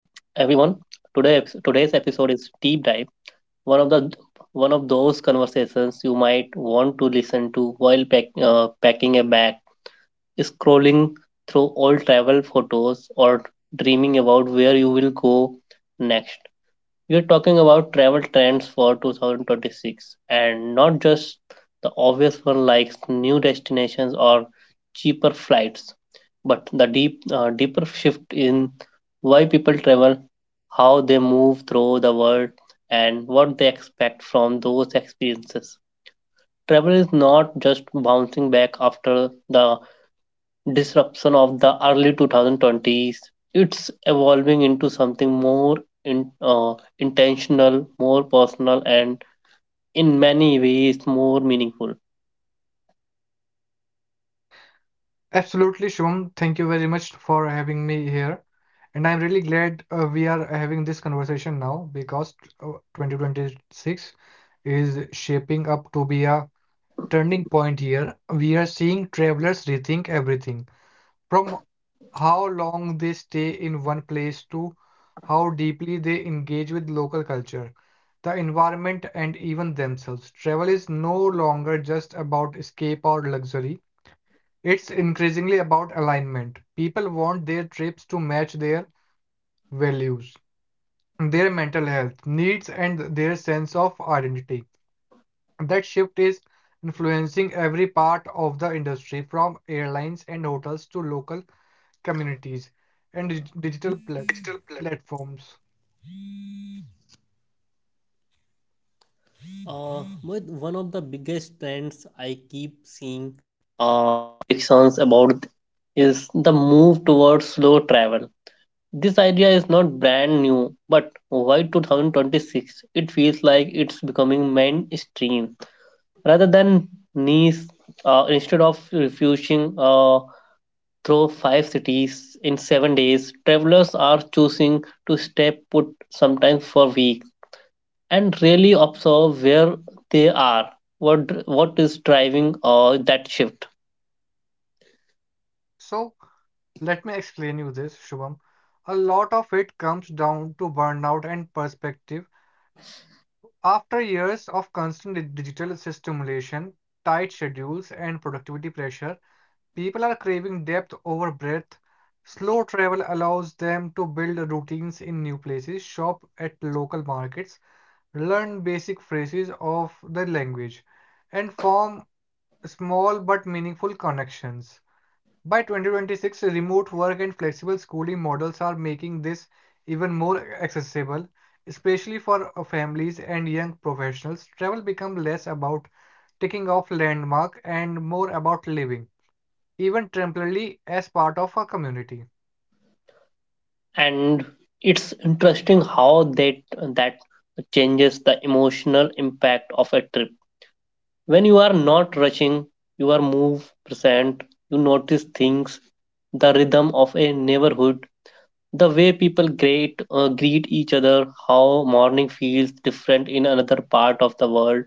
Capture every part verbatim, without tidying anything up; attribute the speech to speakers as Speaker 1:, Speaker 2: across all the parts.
Speaker 1: Today, today's episode is deep dive. One of the one of those conversations you might want to listen to while pack, uh, packing a bag, scrolling through old travel photos, or dreaming about where you will go next. We are talking about travel trends for two thousand twenty-six and not just the obvious one like new destinations or cheaper flights, but the deep, uh, deeper shift in why people travel, how they move through the world, and what they expect from those experiences. Travel is not just bouncing back after the disruption of the early twenty twenties. It's evolving into something more in, uh, intentional, more personal, and in many ways more meaningful.
Speaker 2: Absolutely, Shubham. Thank you very much for having me here. And I'm really glad uh, we are having this conversation now because uh, twenty twenty-six is shaping up to be a turning point year. We are seeing travelers rethink everything from how long they stay in one place to how deeply they engage with local culture, the environment, and even themselves. Travel is no longer just about escape or luxury. It's increasingly about alignment. People want their trips to match their values, their mental health needs, and their sense of identity. That shift is influencing every part of the industry, from airlines and hotels to local communities and dig- digital plat- platforms.
Speaker 1: Move towards slow travel. This idea is not brand new, but why twenty twenty-six? It feels like it's becoming mainstream rather than niche. Uh, instead of refusing uh, through five cities in seven days, travelers are choosing to stay put sometimes for weeks and really observe where they are, what what is driving uh, that shift.
Speaker 2: So, let me explain you this, Shubham. A lot of it comes down to burnout and perspective. After years of constant di- digital stimulation, tight schedules, and productivity pressure, people are craving depth over breadth. Slow travel allows them to build routines in new places, shop at local markets, learn basic phrases of the language, and form small but meaningful connections. By twenty twenty-six, remote work and flexible schooling models are making this even more accessible, especially for uh, families and young professionals. Travel become less about ticking off landmark and more about living, even temporarily, as part of a community.
Speaker 1: And it's interesting how that that changes the emotional impact of a trip. When you are not rushing, you are move present. You notice things: the rhythm of a neighborhood, the way people greet uh, greet each other, how morning feels different in another part of the world.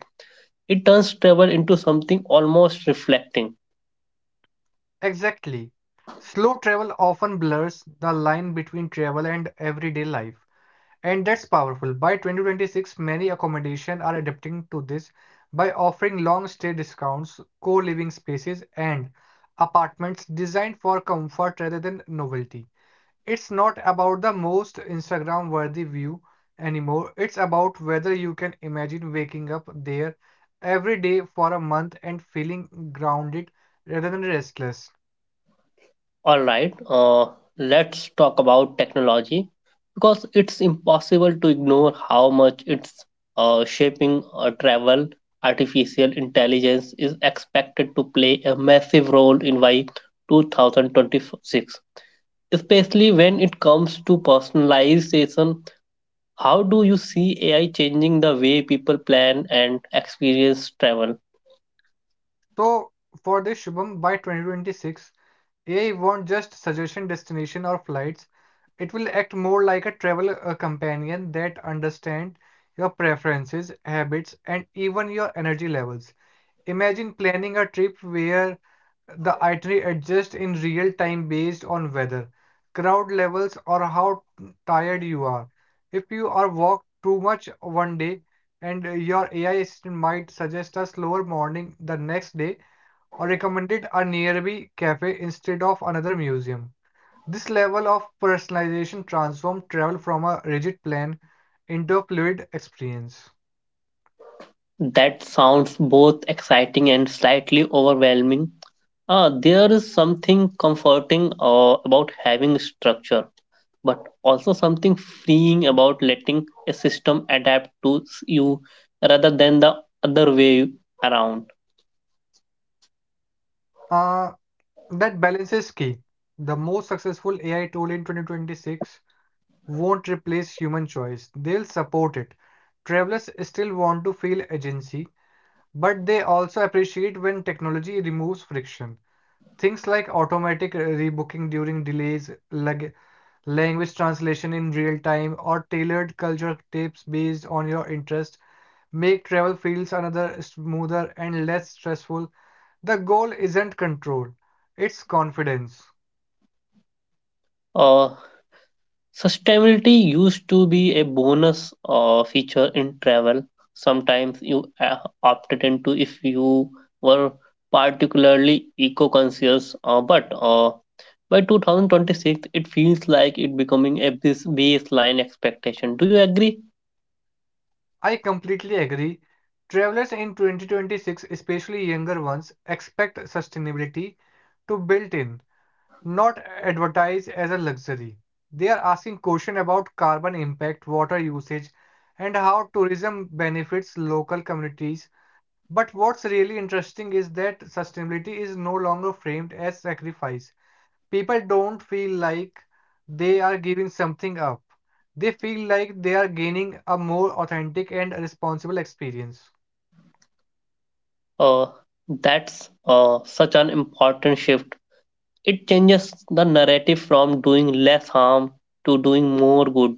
Speaker 1: It turns travel into something almost reflecting.
Speaker 2: Exactly. Slow travel often blurs the line between travel and everyday life. And that's powerful. By twenty twenty-six, many accommodations are adapting to this by offering long stay discounts, co living spaces, and apartments designed for comfort rather than novelty. It's not about the most Instagram worthy view anymore, it's about whether you can imagine waking up there every day for a month and feeling grounded rather than restless.
Speaker 1: All right, uh, let's talk about technology because it's impossible to ignore how much it's uh, shaping uh, travel. Artificial intelligence is expected to play a massive role in by twenty twenty-six, especially when it comes to personalization. How do you see A I changing the way people plan and experience travel?
Speaker 2: So, for this Shubham, by twenty twenty-six, A I won't just suggestion destination or flights. It will act more like a travel uh, companion that understands your preferences, habits, and even your energy levels. Imagine planning a trip where the itinerary adjusts in real time based on weather, crowd levels, or how tired you are. If you are walked too much one day, and uh, your A I assistant might suggest a slower morning the next day, or recommended a nearby cafe instead of another museum. This level of personalization transforms travel from a rigid plan into a fluid experience.
Speaker 1: That sounds both exciting and slightly overwhelming. Uh, there is something comforting uh, about having structure, but also something freeing about letting a system adapt to s- you rather than the other way around.
Speaker 2: Uh, that balance is key. The most successful A I tool in twenty twenty-six won't replace human choice, they'll support it. Travelers still want to feel agency, but they also appreciate when technology removes friction. Things like automatic uh, rebooking during delays, lug language translation in real time, or tailored culture tips based on your interest. Make travel feels another smoother and less stressful. The goal isn't control, it's confidence.
Speaker 1: Uh, Sustainability used to be a bonus uh, feature in travel. Sometimes you uh, opted into if you were particularly eco conscious, uh, but uh, by twenty twenty-six, it feels like it becoming a baseline expectation. Do you agree?
Speaker 2: I completely agree. Travelers in twenty twenty-six, especially younger ones, expect sustainability to built in, not advertised as a luxury. They are asking questions about carbon impact, water usage, and how tourism benefits local communities. But what's really interesting is that sustainability is no longer framed as sacrifice. People don't feel like they are giving something up. They feel like they are gaining a more authentic and responsible experience.
Speaker 1: Uh, that's uh, such an important shift. It changes the narrative from doing less harm to doing more good.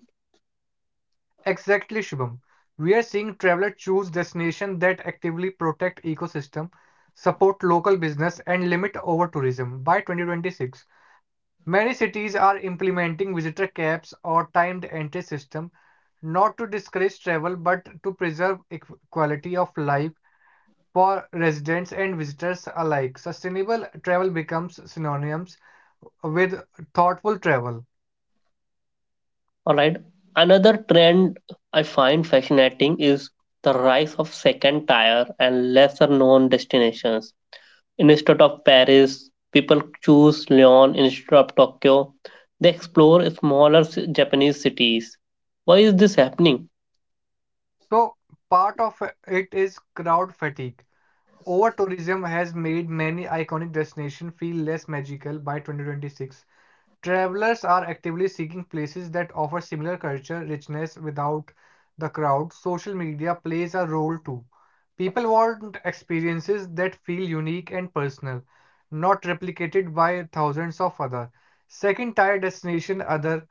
Speaker 2: Exactly, Shubham. We are seeing travelers choose destinations that actively protect ecosystem, support local business, and limit over tourism by twenty twenty-six. Many cities are implementing visitor caps or timed entry system not to discourage travel but to preserve quality of life for residents and visitors alike. Sustainable travel becomes synonymous with thoughtful travel.
Speaker 1: All right. Another trend I find fascinating is the rise of second tier and lesser known destinations. Instead of Paris, people choose Lyon. Instead of Tokyo, they explore smaller Japanese cities. Why is this happening?
Speaker 2: So part of it is crowd fatigue. Over tourism has made many iconic destinations feel less magical by twenty twenty-six. Travelers are actively seeking places that offer similar culture richness without the crowd. Social media plays a role too. People want experiences that feel unique and personal, not replicated by thousands of other. Second tier destination other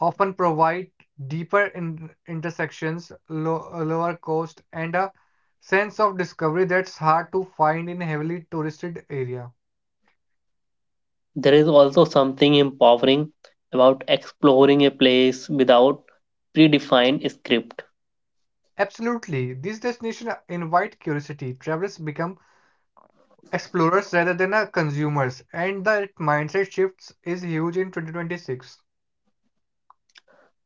Speaker 2: often provide deeper in- intersections, lo- lower cost, and a sense of discovery that's hard to find in heavily touristed areas.
Speaker 1: There is also something empowering about exploring a place without predefined script.
Speaker 2: Absolutely. These destinations invite curiosity. Travelers become explorers rather than uh, consumers, and that mindset shifts is huge in twenty twenty-six.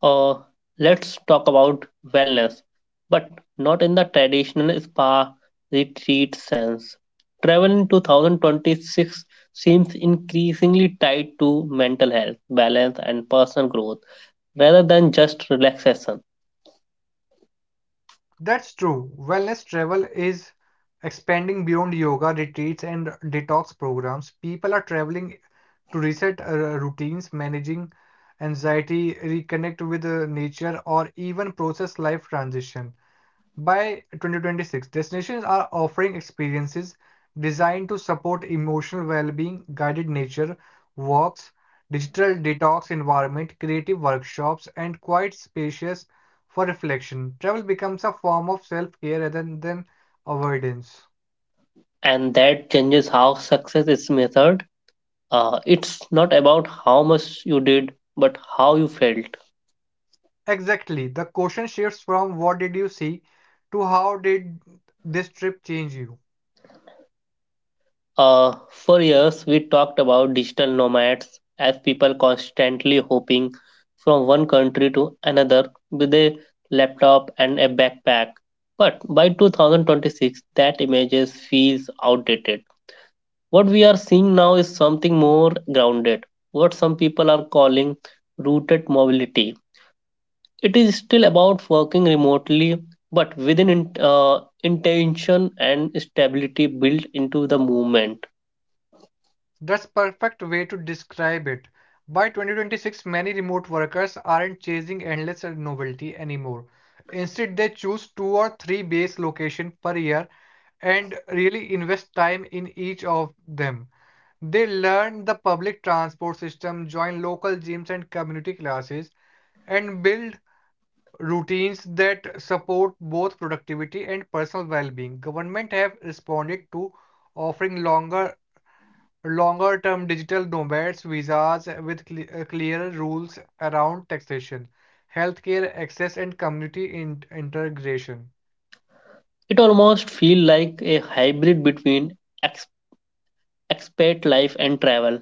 Speaker 1: Uh, let's talk about wellness, but not in the traditional spa retreat sense. Travel in twenty twenty-six seems increasingly tied to mental health, balance, and personal growth, rather than just relaxation.
Speaker 2: That's true. Wellness travel is expanding beyond yoga retreats and detox programs. People are traveling to reset uh, routines, managing anxiety, reconnect with uh, nature, or even process life transition. By twenty twenty-six, destinations are offering experiences designed to support emotional well-being, guided nature walks, digital detox environment, creative workshops, and quiet spaces for reflection. Travel becomes a form of self-care rather than avoidance.
Speaker 1: And that changes how success is measured. Uh, it's not about how much you did, but how you felt.
Speaker 2: Exactly. The question shifts from what did you see to how did this trip change you?
Speaker 1: Uh, for years, we talked about digital nomads as people constantly hopping from one country to another with a laptop and a backpack. But by two thousand twenty-six, that image feels outdated. What we are seeing now is something more grounded, what some people are calling rooted mobility. It is still about working remotely but within in, uh, intention and stability built into the movement.
Speaker 2: That's perfect way to describe it. By twenty twenty-six, many remote workers aren't chasing endless novelty anymore. Instead, they choose two or three base locations per year and really invest time in each of them. They learn the public transport system, join local gyms and community classes, and build routines that support both productivity and personal well-being. Government have responded to offering longer longer term digital nomads visas with cle- uh, clearer rules around taxation, healthcare access, and community in- integration.
Speaker 1: It almost feels like a hybrid between ex- expat life and travel.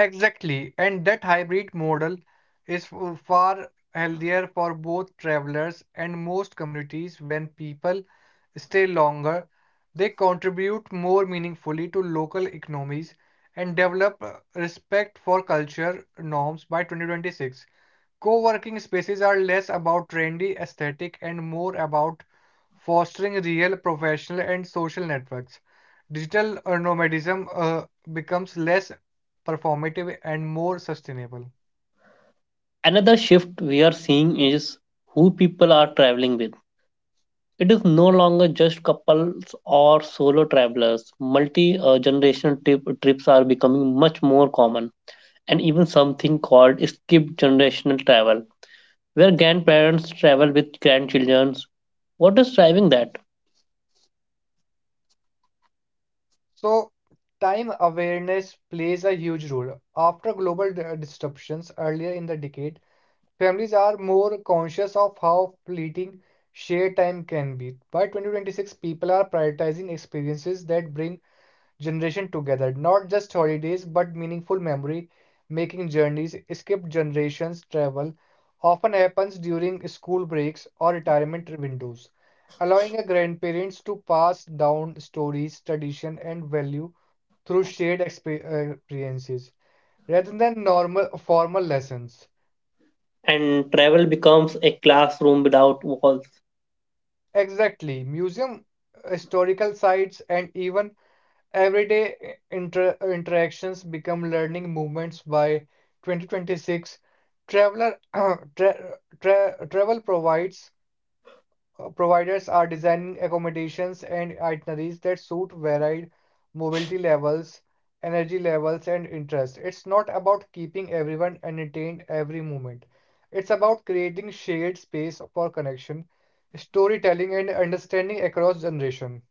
Speaker 2: Exactly, and that hybrid model is f- far healthier for both travelers and most communities when people stay longer. They contribute more meaningfully to local economies and develop uh, respect for culture norms by twenty twenty-six. Co-working spaces are less about trendy aesthetic and more about fostering real professional and social networks. Digital uh, nomadism uh, becomes less performative, and more sustainable.
Speaker 1: Another shift we are seeing is who people are traveling with. It is no longer just couples or solo travelers. Multi uh, generation trip, trips are becoming much more common, and even something called skip generational travel, where grandparents travel with grandchildren. What is driving that?
Speaker 2: So, time awareness plays a huge role. After global di- disruptions earlier in the decade, families are more conscious of how fleeting shared time can be. By twenty twenty-six, people are prioritizing experiences that bring generation together. Not just holidays, but meaningful memory making journeys, skip generations travel often happens during school breaks or retirement windows, allowing a grandparents to pass down stories, tradition, and value through shared expe- uh, experiences rather than normal formal lessons.
Speaker 1: And travel becomes a classroom without walls.
Speaker 2: Exactly, museum, historical sites, and even everyday inter- interactions become learning moments by twenty twenty-six. Traveler tra- tra- travel provides uh, providers are designing accommodations and itineraries that suit varied mobility levels, energy levels, and interests. It's not about keeping everyone entertained every moment. It's about creating shared space for connection, storytelling, and understanding across generation.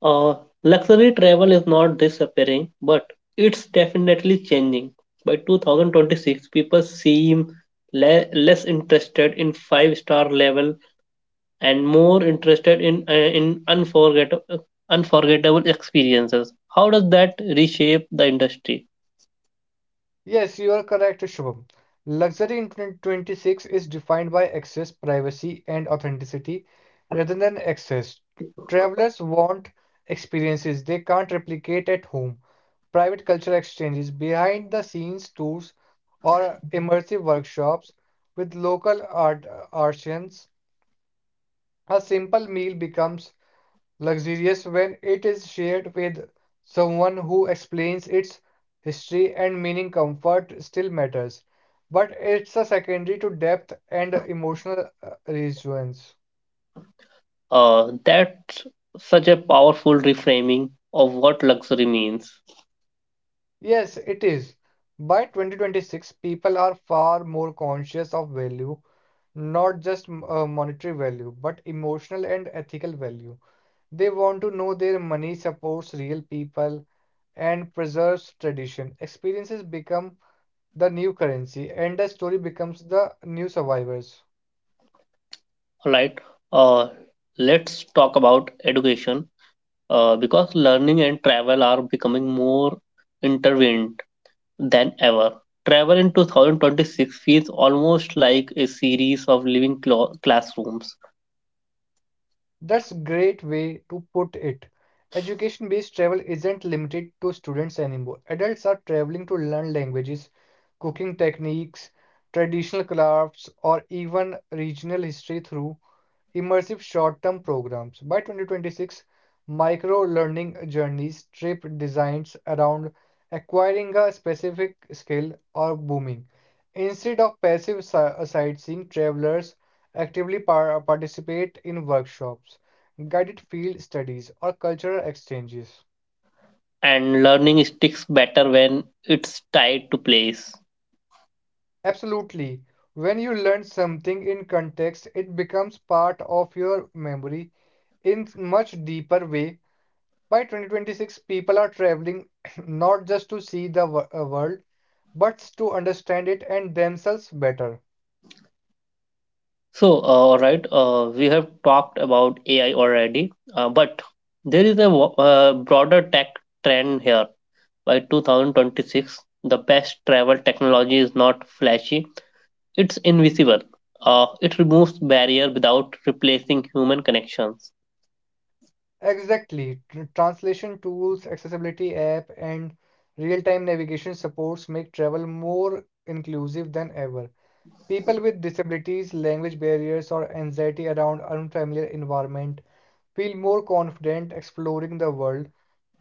Speaker 1: Uh, Luxury travel is not disappearing, but it's definitely changing. By two thousand twenty-six, people seem le- less interested in five-star level and more interested in uh, in unforgettable unforgettable experiences. How does that reshape the industry?
Speaker 2: Yes, you are correct, Shubham. Luxury in twenty twenty-six is defined by access, privacy, and authenticity rather than access. Travelers want experiences they can't replicate at home. Private cultural exchanges, behind the scenes tours, or immersive workshops with local art artisans. A simple meal becomes luxurious when it is shared with someone who explains its history and meaning. Comfort still matters, but it's a secondary to depth and emotional uh, resonance.
Speaker 1: Uh, that's such a powerful reframing of what luxury means.
Speaker 2: Yes, it is. By twenty twenty-six, people are far more conscious of value, not just uh, monetary value, but emotional and ethical value. They want to know their money supports real people and preserves tradition. Experiences become the new currency and the story becomes the new survivors.
Speaker 1: All right. Uh, let's talk about education uh, because learning and travel are becoming more intertwined than ever. Travel in twenty twenty-six feels almost like a series of living clo- classrooms,
Speaker 2: That's a great way to put it. Education based travel isn't limited to students anymore. Adults are traveling to learn languages, cooking techniques, traditional crafts, or even regional history through immersive short term programs. By twenty twenty-six, micro learning journeys trip designs around acquiring a specific skill are booming. Instead of passive si- uh, sightseeing, travelers actively par- uh, participate in workshops, guided field studies, or cultural exchanges.
Speaker 1: and learning sticks better when it's tied to place.
Speaker 2: Absolutely. When you learn something in context, it becomes part of your memory in much deeper way. By twenty twenty-six, people are traveling not just to see the wo- uh, world, but to understand it and themselves better.
Speaker 1: So, uh, all right, uh, we have talked about A I already, uh, but there is a wo- uh, broader tech trend here. By two thousand twenty-six, the best travel technology is not flashy, it's invisible. Uh, it removes barrier without replacing human connections.
Speaker 2: Exactly. Tr- Translation tools, accessibility app, and real-time navigation supports make travel more inclusive than ever. People with disabilities, language barriers, or anxiety around unfamiliar environment feel more confident exploring the world.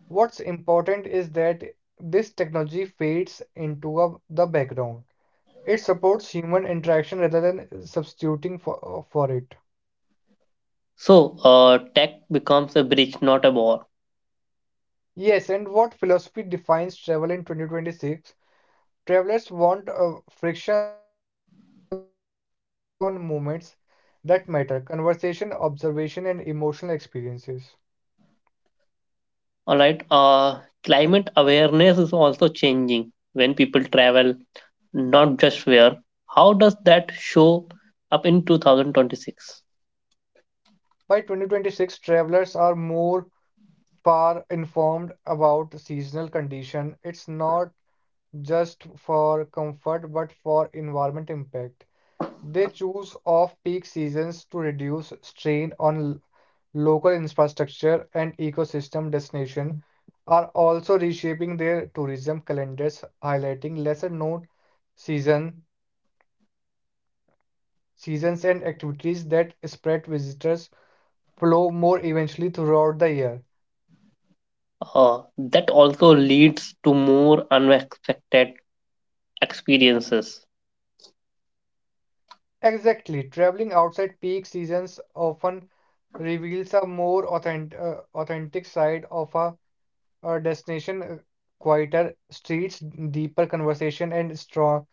Speaker 2: What's important is that this technology fades into a, the background. It supports human interaction rather than substituting for, uh, for it.
Speaker 1: So, uh, tech becomes a bridge, not a wall.
Speaker 2: Yes, and what philosophy defines travel in twenty twenty-six? Travelers want uh, frictionless logistics so they can focus on moments that matter conversation, observation, and emotional experiences.
Speaker 1: All right, uh, climate awareness is also changing. When people travel, not just where. How does that show up in two thousand twenty-six?
Speaker 2: By twenty twenty-six, travelers are more far informed about seasonal condition. It's not just for comfort but for environment impact. They choose off-peak seasons to reduce strain on l- local infrastructure and ecosystem destinations are also reshaping their tourism calendars, highlighting lesser-known season seasons and activities that spread visitors flow more evenly throughout the year.
Speaker 1: Uh, that also leads to more unexpected experiences.
Speaker 2: Exactly, traveling outside peak seasons often reveals a more authentic, uh, authentic side of a a destination, uh, quieter streets, deeper conversation, and strong,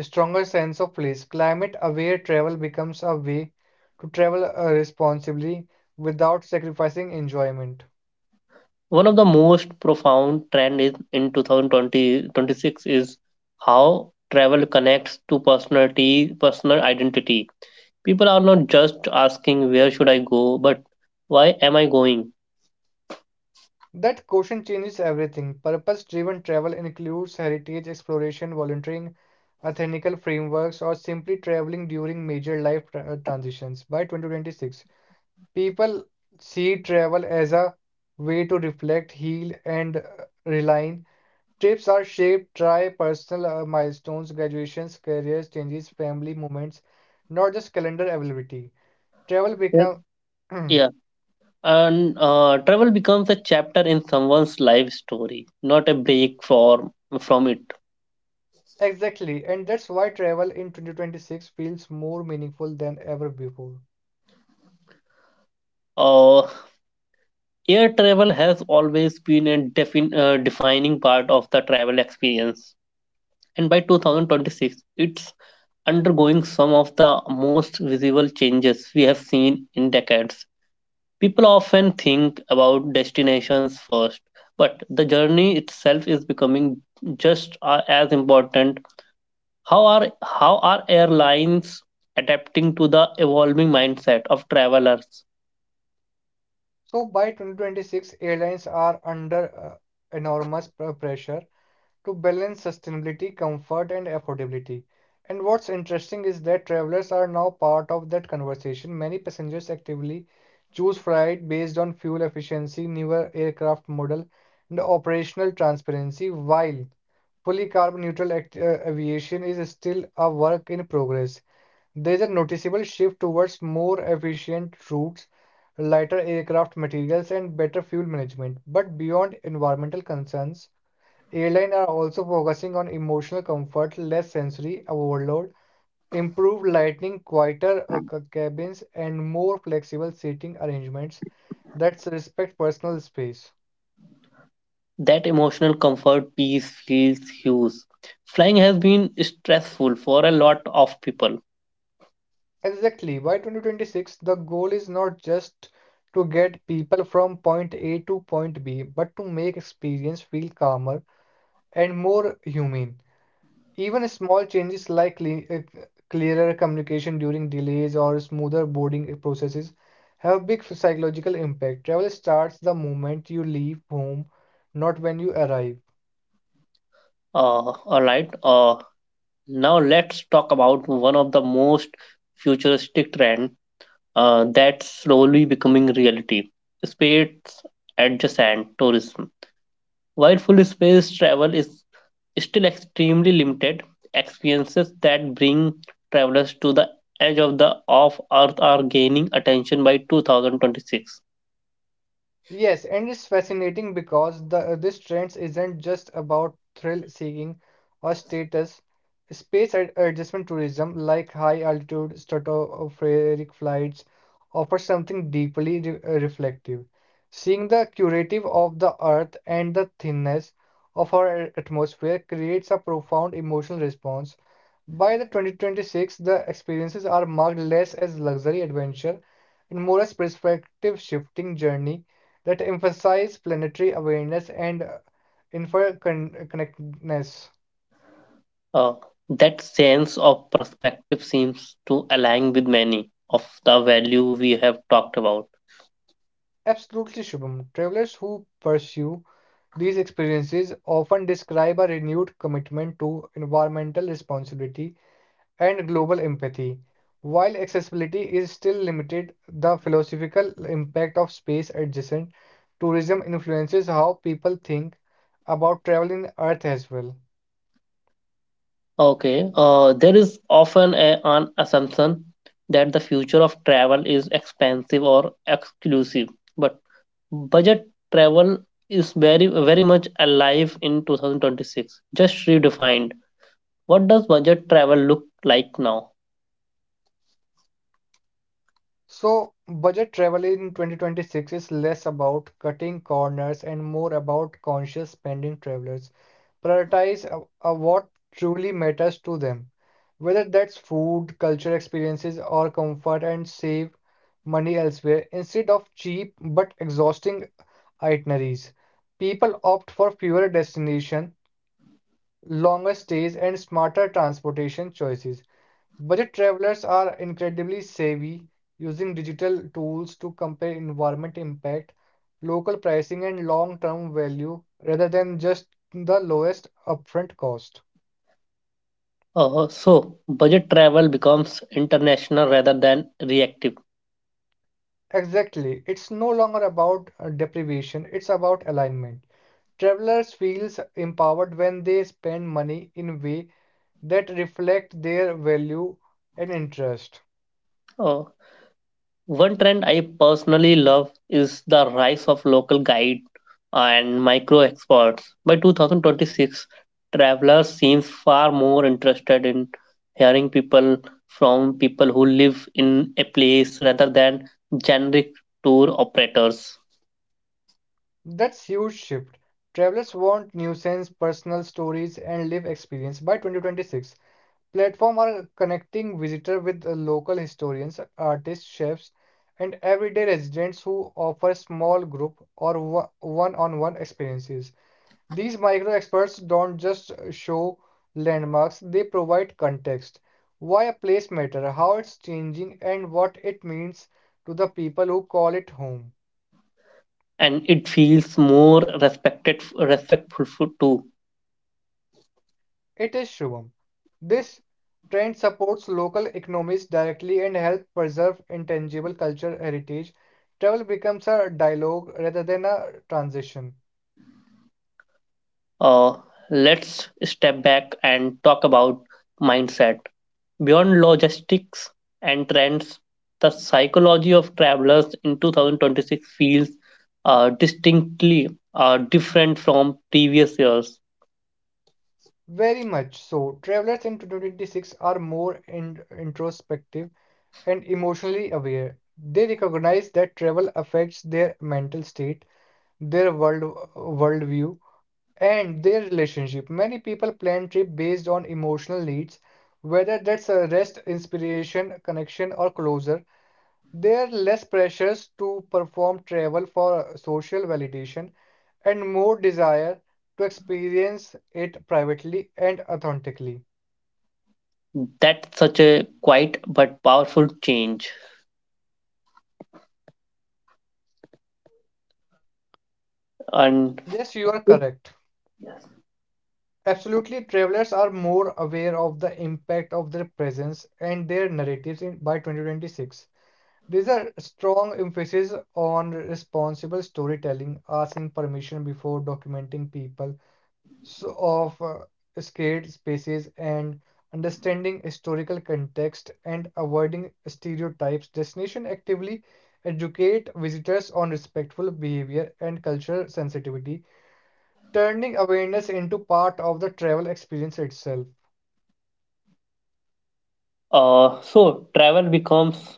Speaker 2: stronger sense of place. Climate-aware travel becomes a way to travel uh, responsibly without sacrificing enjoyment.
Speaker 1: One of the most profound trend is in two thousand twenty-six is how travel connects to personality, personal identity. People are not just asking where should I go, but why am I going?
Speaker 2: That question changes everything. Purpose-driven travel includes heritage exploration, volunteering, ethical frameworks, or simply traveling during major life tra- uh, transitions. By twenty twenty-six, people see travel as a way to reflect, heal, and uh, realign. Trips are shaped by personal uh, milestones, graduations, careers, changes, family moments, not just calendar availability. Travel become
Speaker 1: Yeah. And uh, travel becomes a chapter in someone's life story, not a break for, from it.
Speaker 2: Exactly, and that's why travel in twenty twenty-six feels more meaningful than ever before.
Speaker 1: Uh, Air travel has always been a defin- uh, defining part of the travel experience. And by two thousand twenty-six, it's undergoing some of the most visible changes we have seen in decades. People often think about destinations first, but the journey itself is becoming just uh, as important. How are how are airlines adapting to the evolving mindset of travelers?
Speaker 2: So by twenty twenty-six, airlines are under uh, enormous pr- pressure to balance sustainability, comfort, and affordability. And what's interesting is that travelers are now part of that conversation. Many passengers actively choose flight based on fuel efficiency, newer aircraft model, and operational transparency, while fully carbon neutral act- uh, aviation is still a work in progress. There is a noticeable shift towards more efficient routes, lighter aircraft materials, and better fuel management. But beyond environmental concerns, airlines are also focusing on emotional comfort, less sensory overload, improved lighting, quieter uh, ca- cabins, and more flexible seating arrangements that respect personal space.
Speaker 1: That emotional comfort piece feels huge. Flying has been stressful for a lot of people.
Speaker 2: Exactly. By twenty twenty-six, the goal is not just to get people from point A to point B, but to make experience feel calmer and more humane. Even small changes like cle- uh, clearer communication during delays or smoother boarding processes have big psychological impact. Travel starts the moment you leave home, not when you arrive.
Speaker 1: Uh, all right. Uh, now let's talk about one of the most futuristic trend uh, that's slowly becoming reality: space adjacent tourism. While full space travel is still extremely limited, experiences that bring travelers to the edge of the of earth are gaining attention by two thousand twenty-six.
Speaker 2: Yes, and it's fascinating because the uh, this trends isn't just about thrill seeking or status. Space ad- adjustment tourism, like high altitude stratospheric flights, offers something deeply re- uh, reflective. Seeing the curative of the Earth and the thinness of our atmosphere creates a profound emotional response. By the twenty twenty-six, the experiences are marked less as luxury adventure and more as perspective shifting journey that emphasize planetary awareness and uh, interconnectedness.
Speaker 1: Uh, that sense of perspective seems to align with many of the value we have talked about.
Speaker 2: Absolutely, Shubham. Travelers who pursue these experiences often describe a renewed commitment to environmental responsibility and global empathy. While accessibility is still limited, the philosophical impact of space adjacent tourism influences how people think about travel in Earth as well.
Speaker 1: Okay, uh, there is often a, an assumption that the future of travel is expensive or exclusive, but budget travel is very very much alive in twenty twenty-six, just redefined. What does budget travel look like now?
Speaker 2: So, budget travel in twenty twenty-six is less about cutting corners and more about conscious spending travelers. Prioritize uh, uh, what truly matters to them, whether that's food, cultural experiences, or comfort, and save money elsewhere instead of cheap but exhausting itineraries. People opt for fewer destinations, longer stays, and smarter transportation choices. Budget travelers are incredibly savvy, using digital tools to compare environment impact, local pricing, and long-term value rather than just the lowest upfront cost.
Speaker 1: Uh, so budget travel becomes international rather than reactive.
Speaker 2: Exactly, it's no longer about uh, deprivation, it's about alignment. Travelers feels empowered when they spend money in way that reflect their value and interest.
Speaker 1: Uh, One trend I personally love is the rise of local guide and micro experts. By twenty twenty-six, travelers seem far more interested in hearing people from people who live in a place rather than generic tour operators.
Speaker 2: That's huge shift. Travelers want nuisance, personal stories, and live experience. By twenty twenty-six, platform are connecting visitor with uh, local historians, artists, chefs, and everyday residents who offer small group or one on one experiences. These micro experts don't just uh, show landmarks, they provide context. Why a place matter, how it's changing, and what it means to the people who call it home.
Speaker 1: And it feels more respected, respectful f- too.
Speaker 2: It is Shubham. This trend supports local economies directly and helps preserve intangible cultural heritage. Travel becomes a dialogue rather than a transition.
Speaker 1: Uh, let's step back and talk about mindset. Beyond logistics and trends, the psychology of travelers in twenty twenty-six feels uh, distinctly uh, different from previous years.
Speaker 2: Very much so. Travelers in twenty twenty-six are more in- introspective and emotionally aware. They recognize that travel affects their mental state, their world worldview, and their relationship. Many people plan trip based on emotional needs, whether that's a rest, inspiration, connection, or closure. They are less pressures to perform travel for social validation and more desire to experience it privately and authentically.
Speaker 1: That's such a quiet but powerful change. And
Speaker 2: Yes, you are correct. Absolutely, travelers are more aware of the impact of their presence and their narratives in, by twenty twenty-six. There's a strong emphasis on responsible storytelling, asking permission before documenting people so of uh, scared spaces and understanding historical context and avoiding stereotypes. Destination actively educate visitors on respectful behavior and cultural sensitivity, turning awareness into part of the travel experience itself.
Speaker 1: uh, so, travel becomes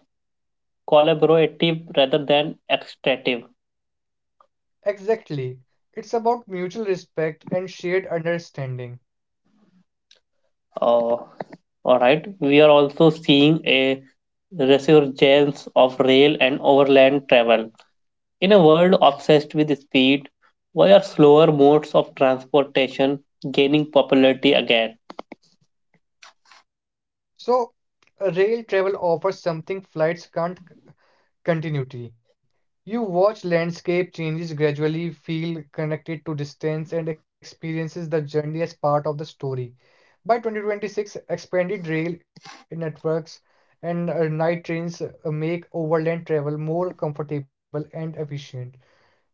Speaker 1: collaborative rather than extractive.
Speaker 2: Exactly. It's about mutual respect and shared understanding.
Speaker 1: Uh, all right, we are also seeing a resurgence of rail and overland travel. In a world obsessed with speed, why are slower modes of transportation gaining popularity again?
Speaker 2: So, uh, rail travel offers something flights can't c- continuity. You watch landscape changes gradually, feel connected to distance, and experiences the journey as part of the story. By twenty twenty-six, expanded rail networks and uh, night trains uh, make overland travel more comfortable and efficient.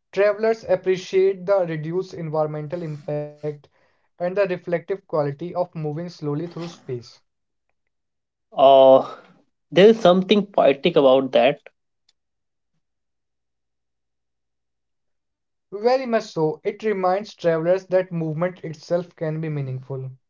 Speaker 2: Travelers appreciate the reduced environmental impact and the reflective quality of moving slowly through space.
Speaker 1: Uh, there is something poetic about that.
Speaker 2: Very much so. It reminds travelers that movement itself can be meaningful.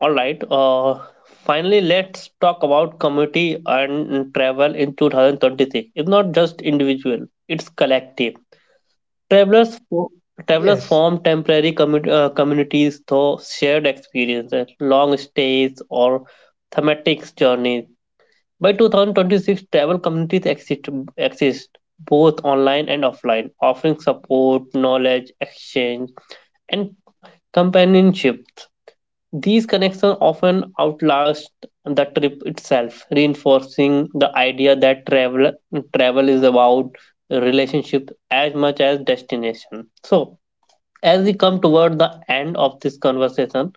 Speaker 1: All right. Uh, finally, let's talk about community and travel in twenty twenty-six. It's not just individual; it's collective. Travelers, fo- Travelers
Speaker 2: Yes,
Speaker 1: form temporary commu- uh, communities through shared experiences, long stays, or thematic journeys. By twenty twenty-six, travel communities exist, exist both online and offline, offering support, knowledge, exchange, and companionship. These connections often outlast the trip itself, reinforcing the idea that travel travel is about relationship as much as destination. So, as we come toward the end of this conversation,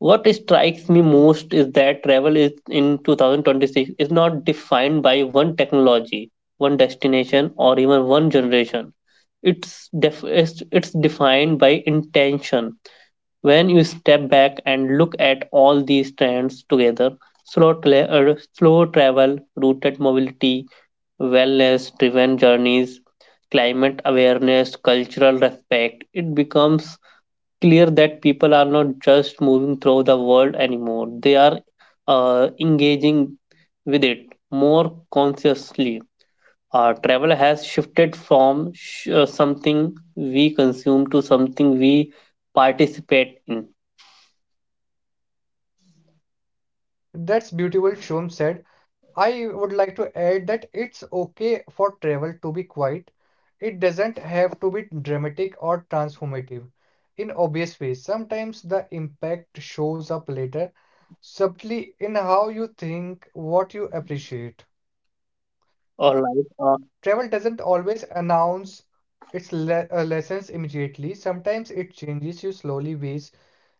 Speaker 1: what strikes me most is that travel is in twenty twenty-six is not defined by one technology, one destination, or even one generation. It's def- it's it's defined by intention. When you step back and look at all these trends together, slow tra- uh, slow travel, rooted mobility, wellness driven journeys, climate awareness, cultural respect, it becomes clear that people are not just moving through the world anymore, they are uh, engaging with it more consciously. Uh, travel has shifted from sh- uh, something we consume to something we participate in.
Speaker 2: that's beautiful, Shom said. I would like to add that it's okay for travel to be quiet. It doesn't have to be dramatic or transformative in obvious ways. Sometimes the impact shows up later, subtly in how you think, what you appreciate.
Speaker 1: All right, uh,
Speaker 2: Travel doesn't always announce its le- uh, lessons immediately. Sometimes it changes you slowly ways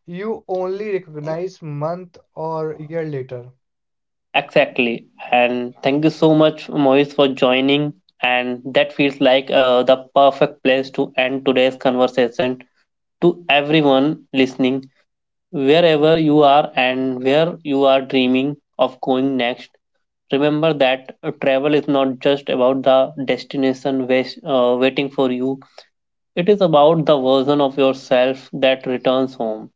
Speaker 2: you only recognize month or year later.
Speaker 1: exactly. And thank you so much, Moise, for joining. And that feels like uh, the perfect place to end today's conversation. To everyone listening, wherever you are and where you are dreaming of going next, remember that uh, travel is not just about the destination wais- uh, waiting for you, it is about the version of yourself that returns home.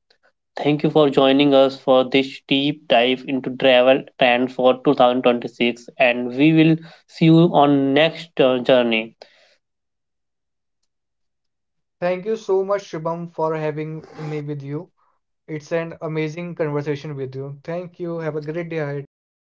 Speaker 1: Thank you for joining us for this deep dive into travel trends for two thousand twenty-six, and we will see you on next uh, journey.
Speaker 2: Thank you so much, Shubham, for having me with you. It's an amazing conversation with you. Thank you. Have a great day ahead.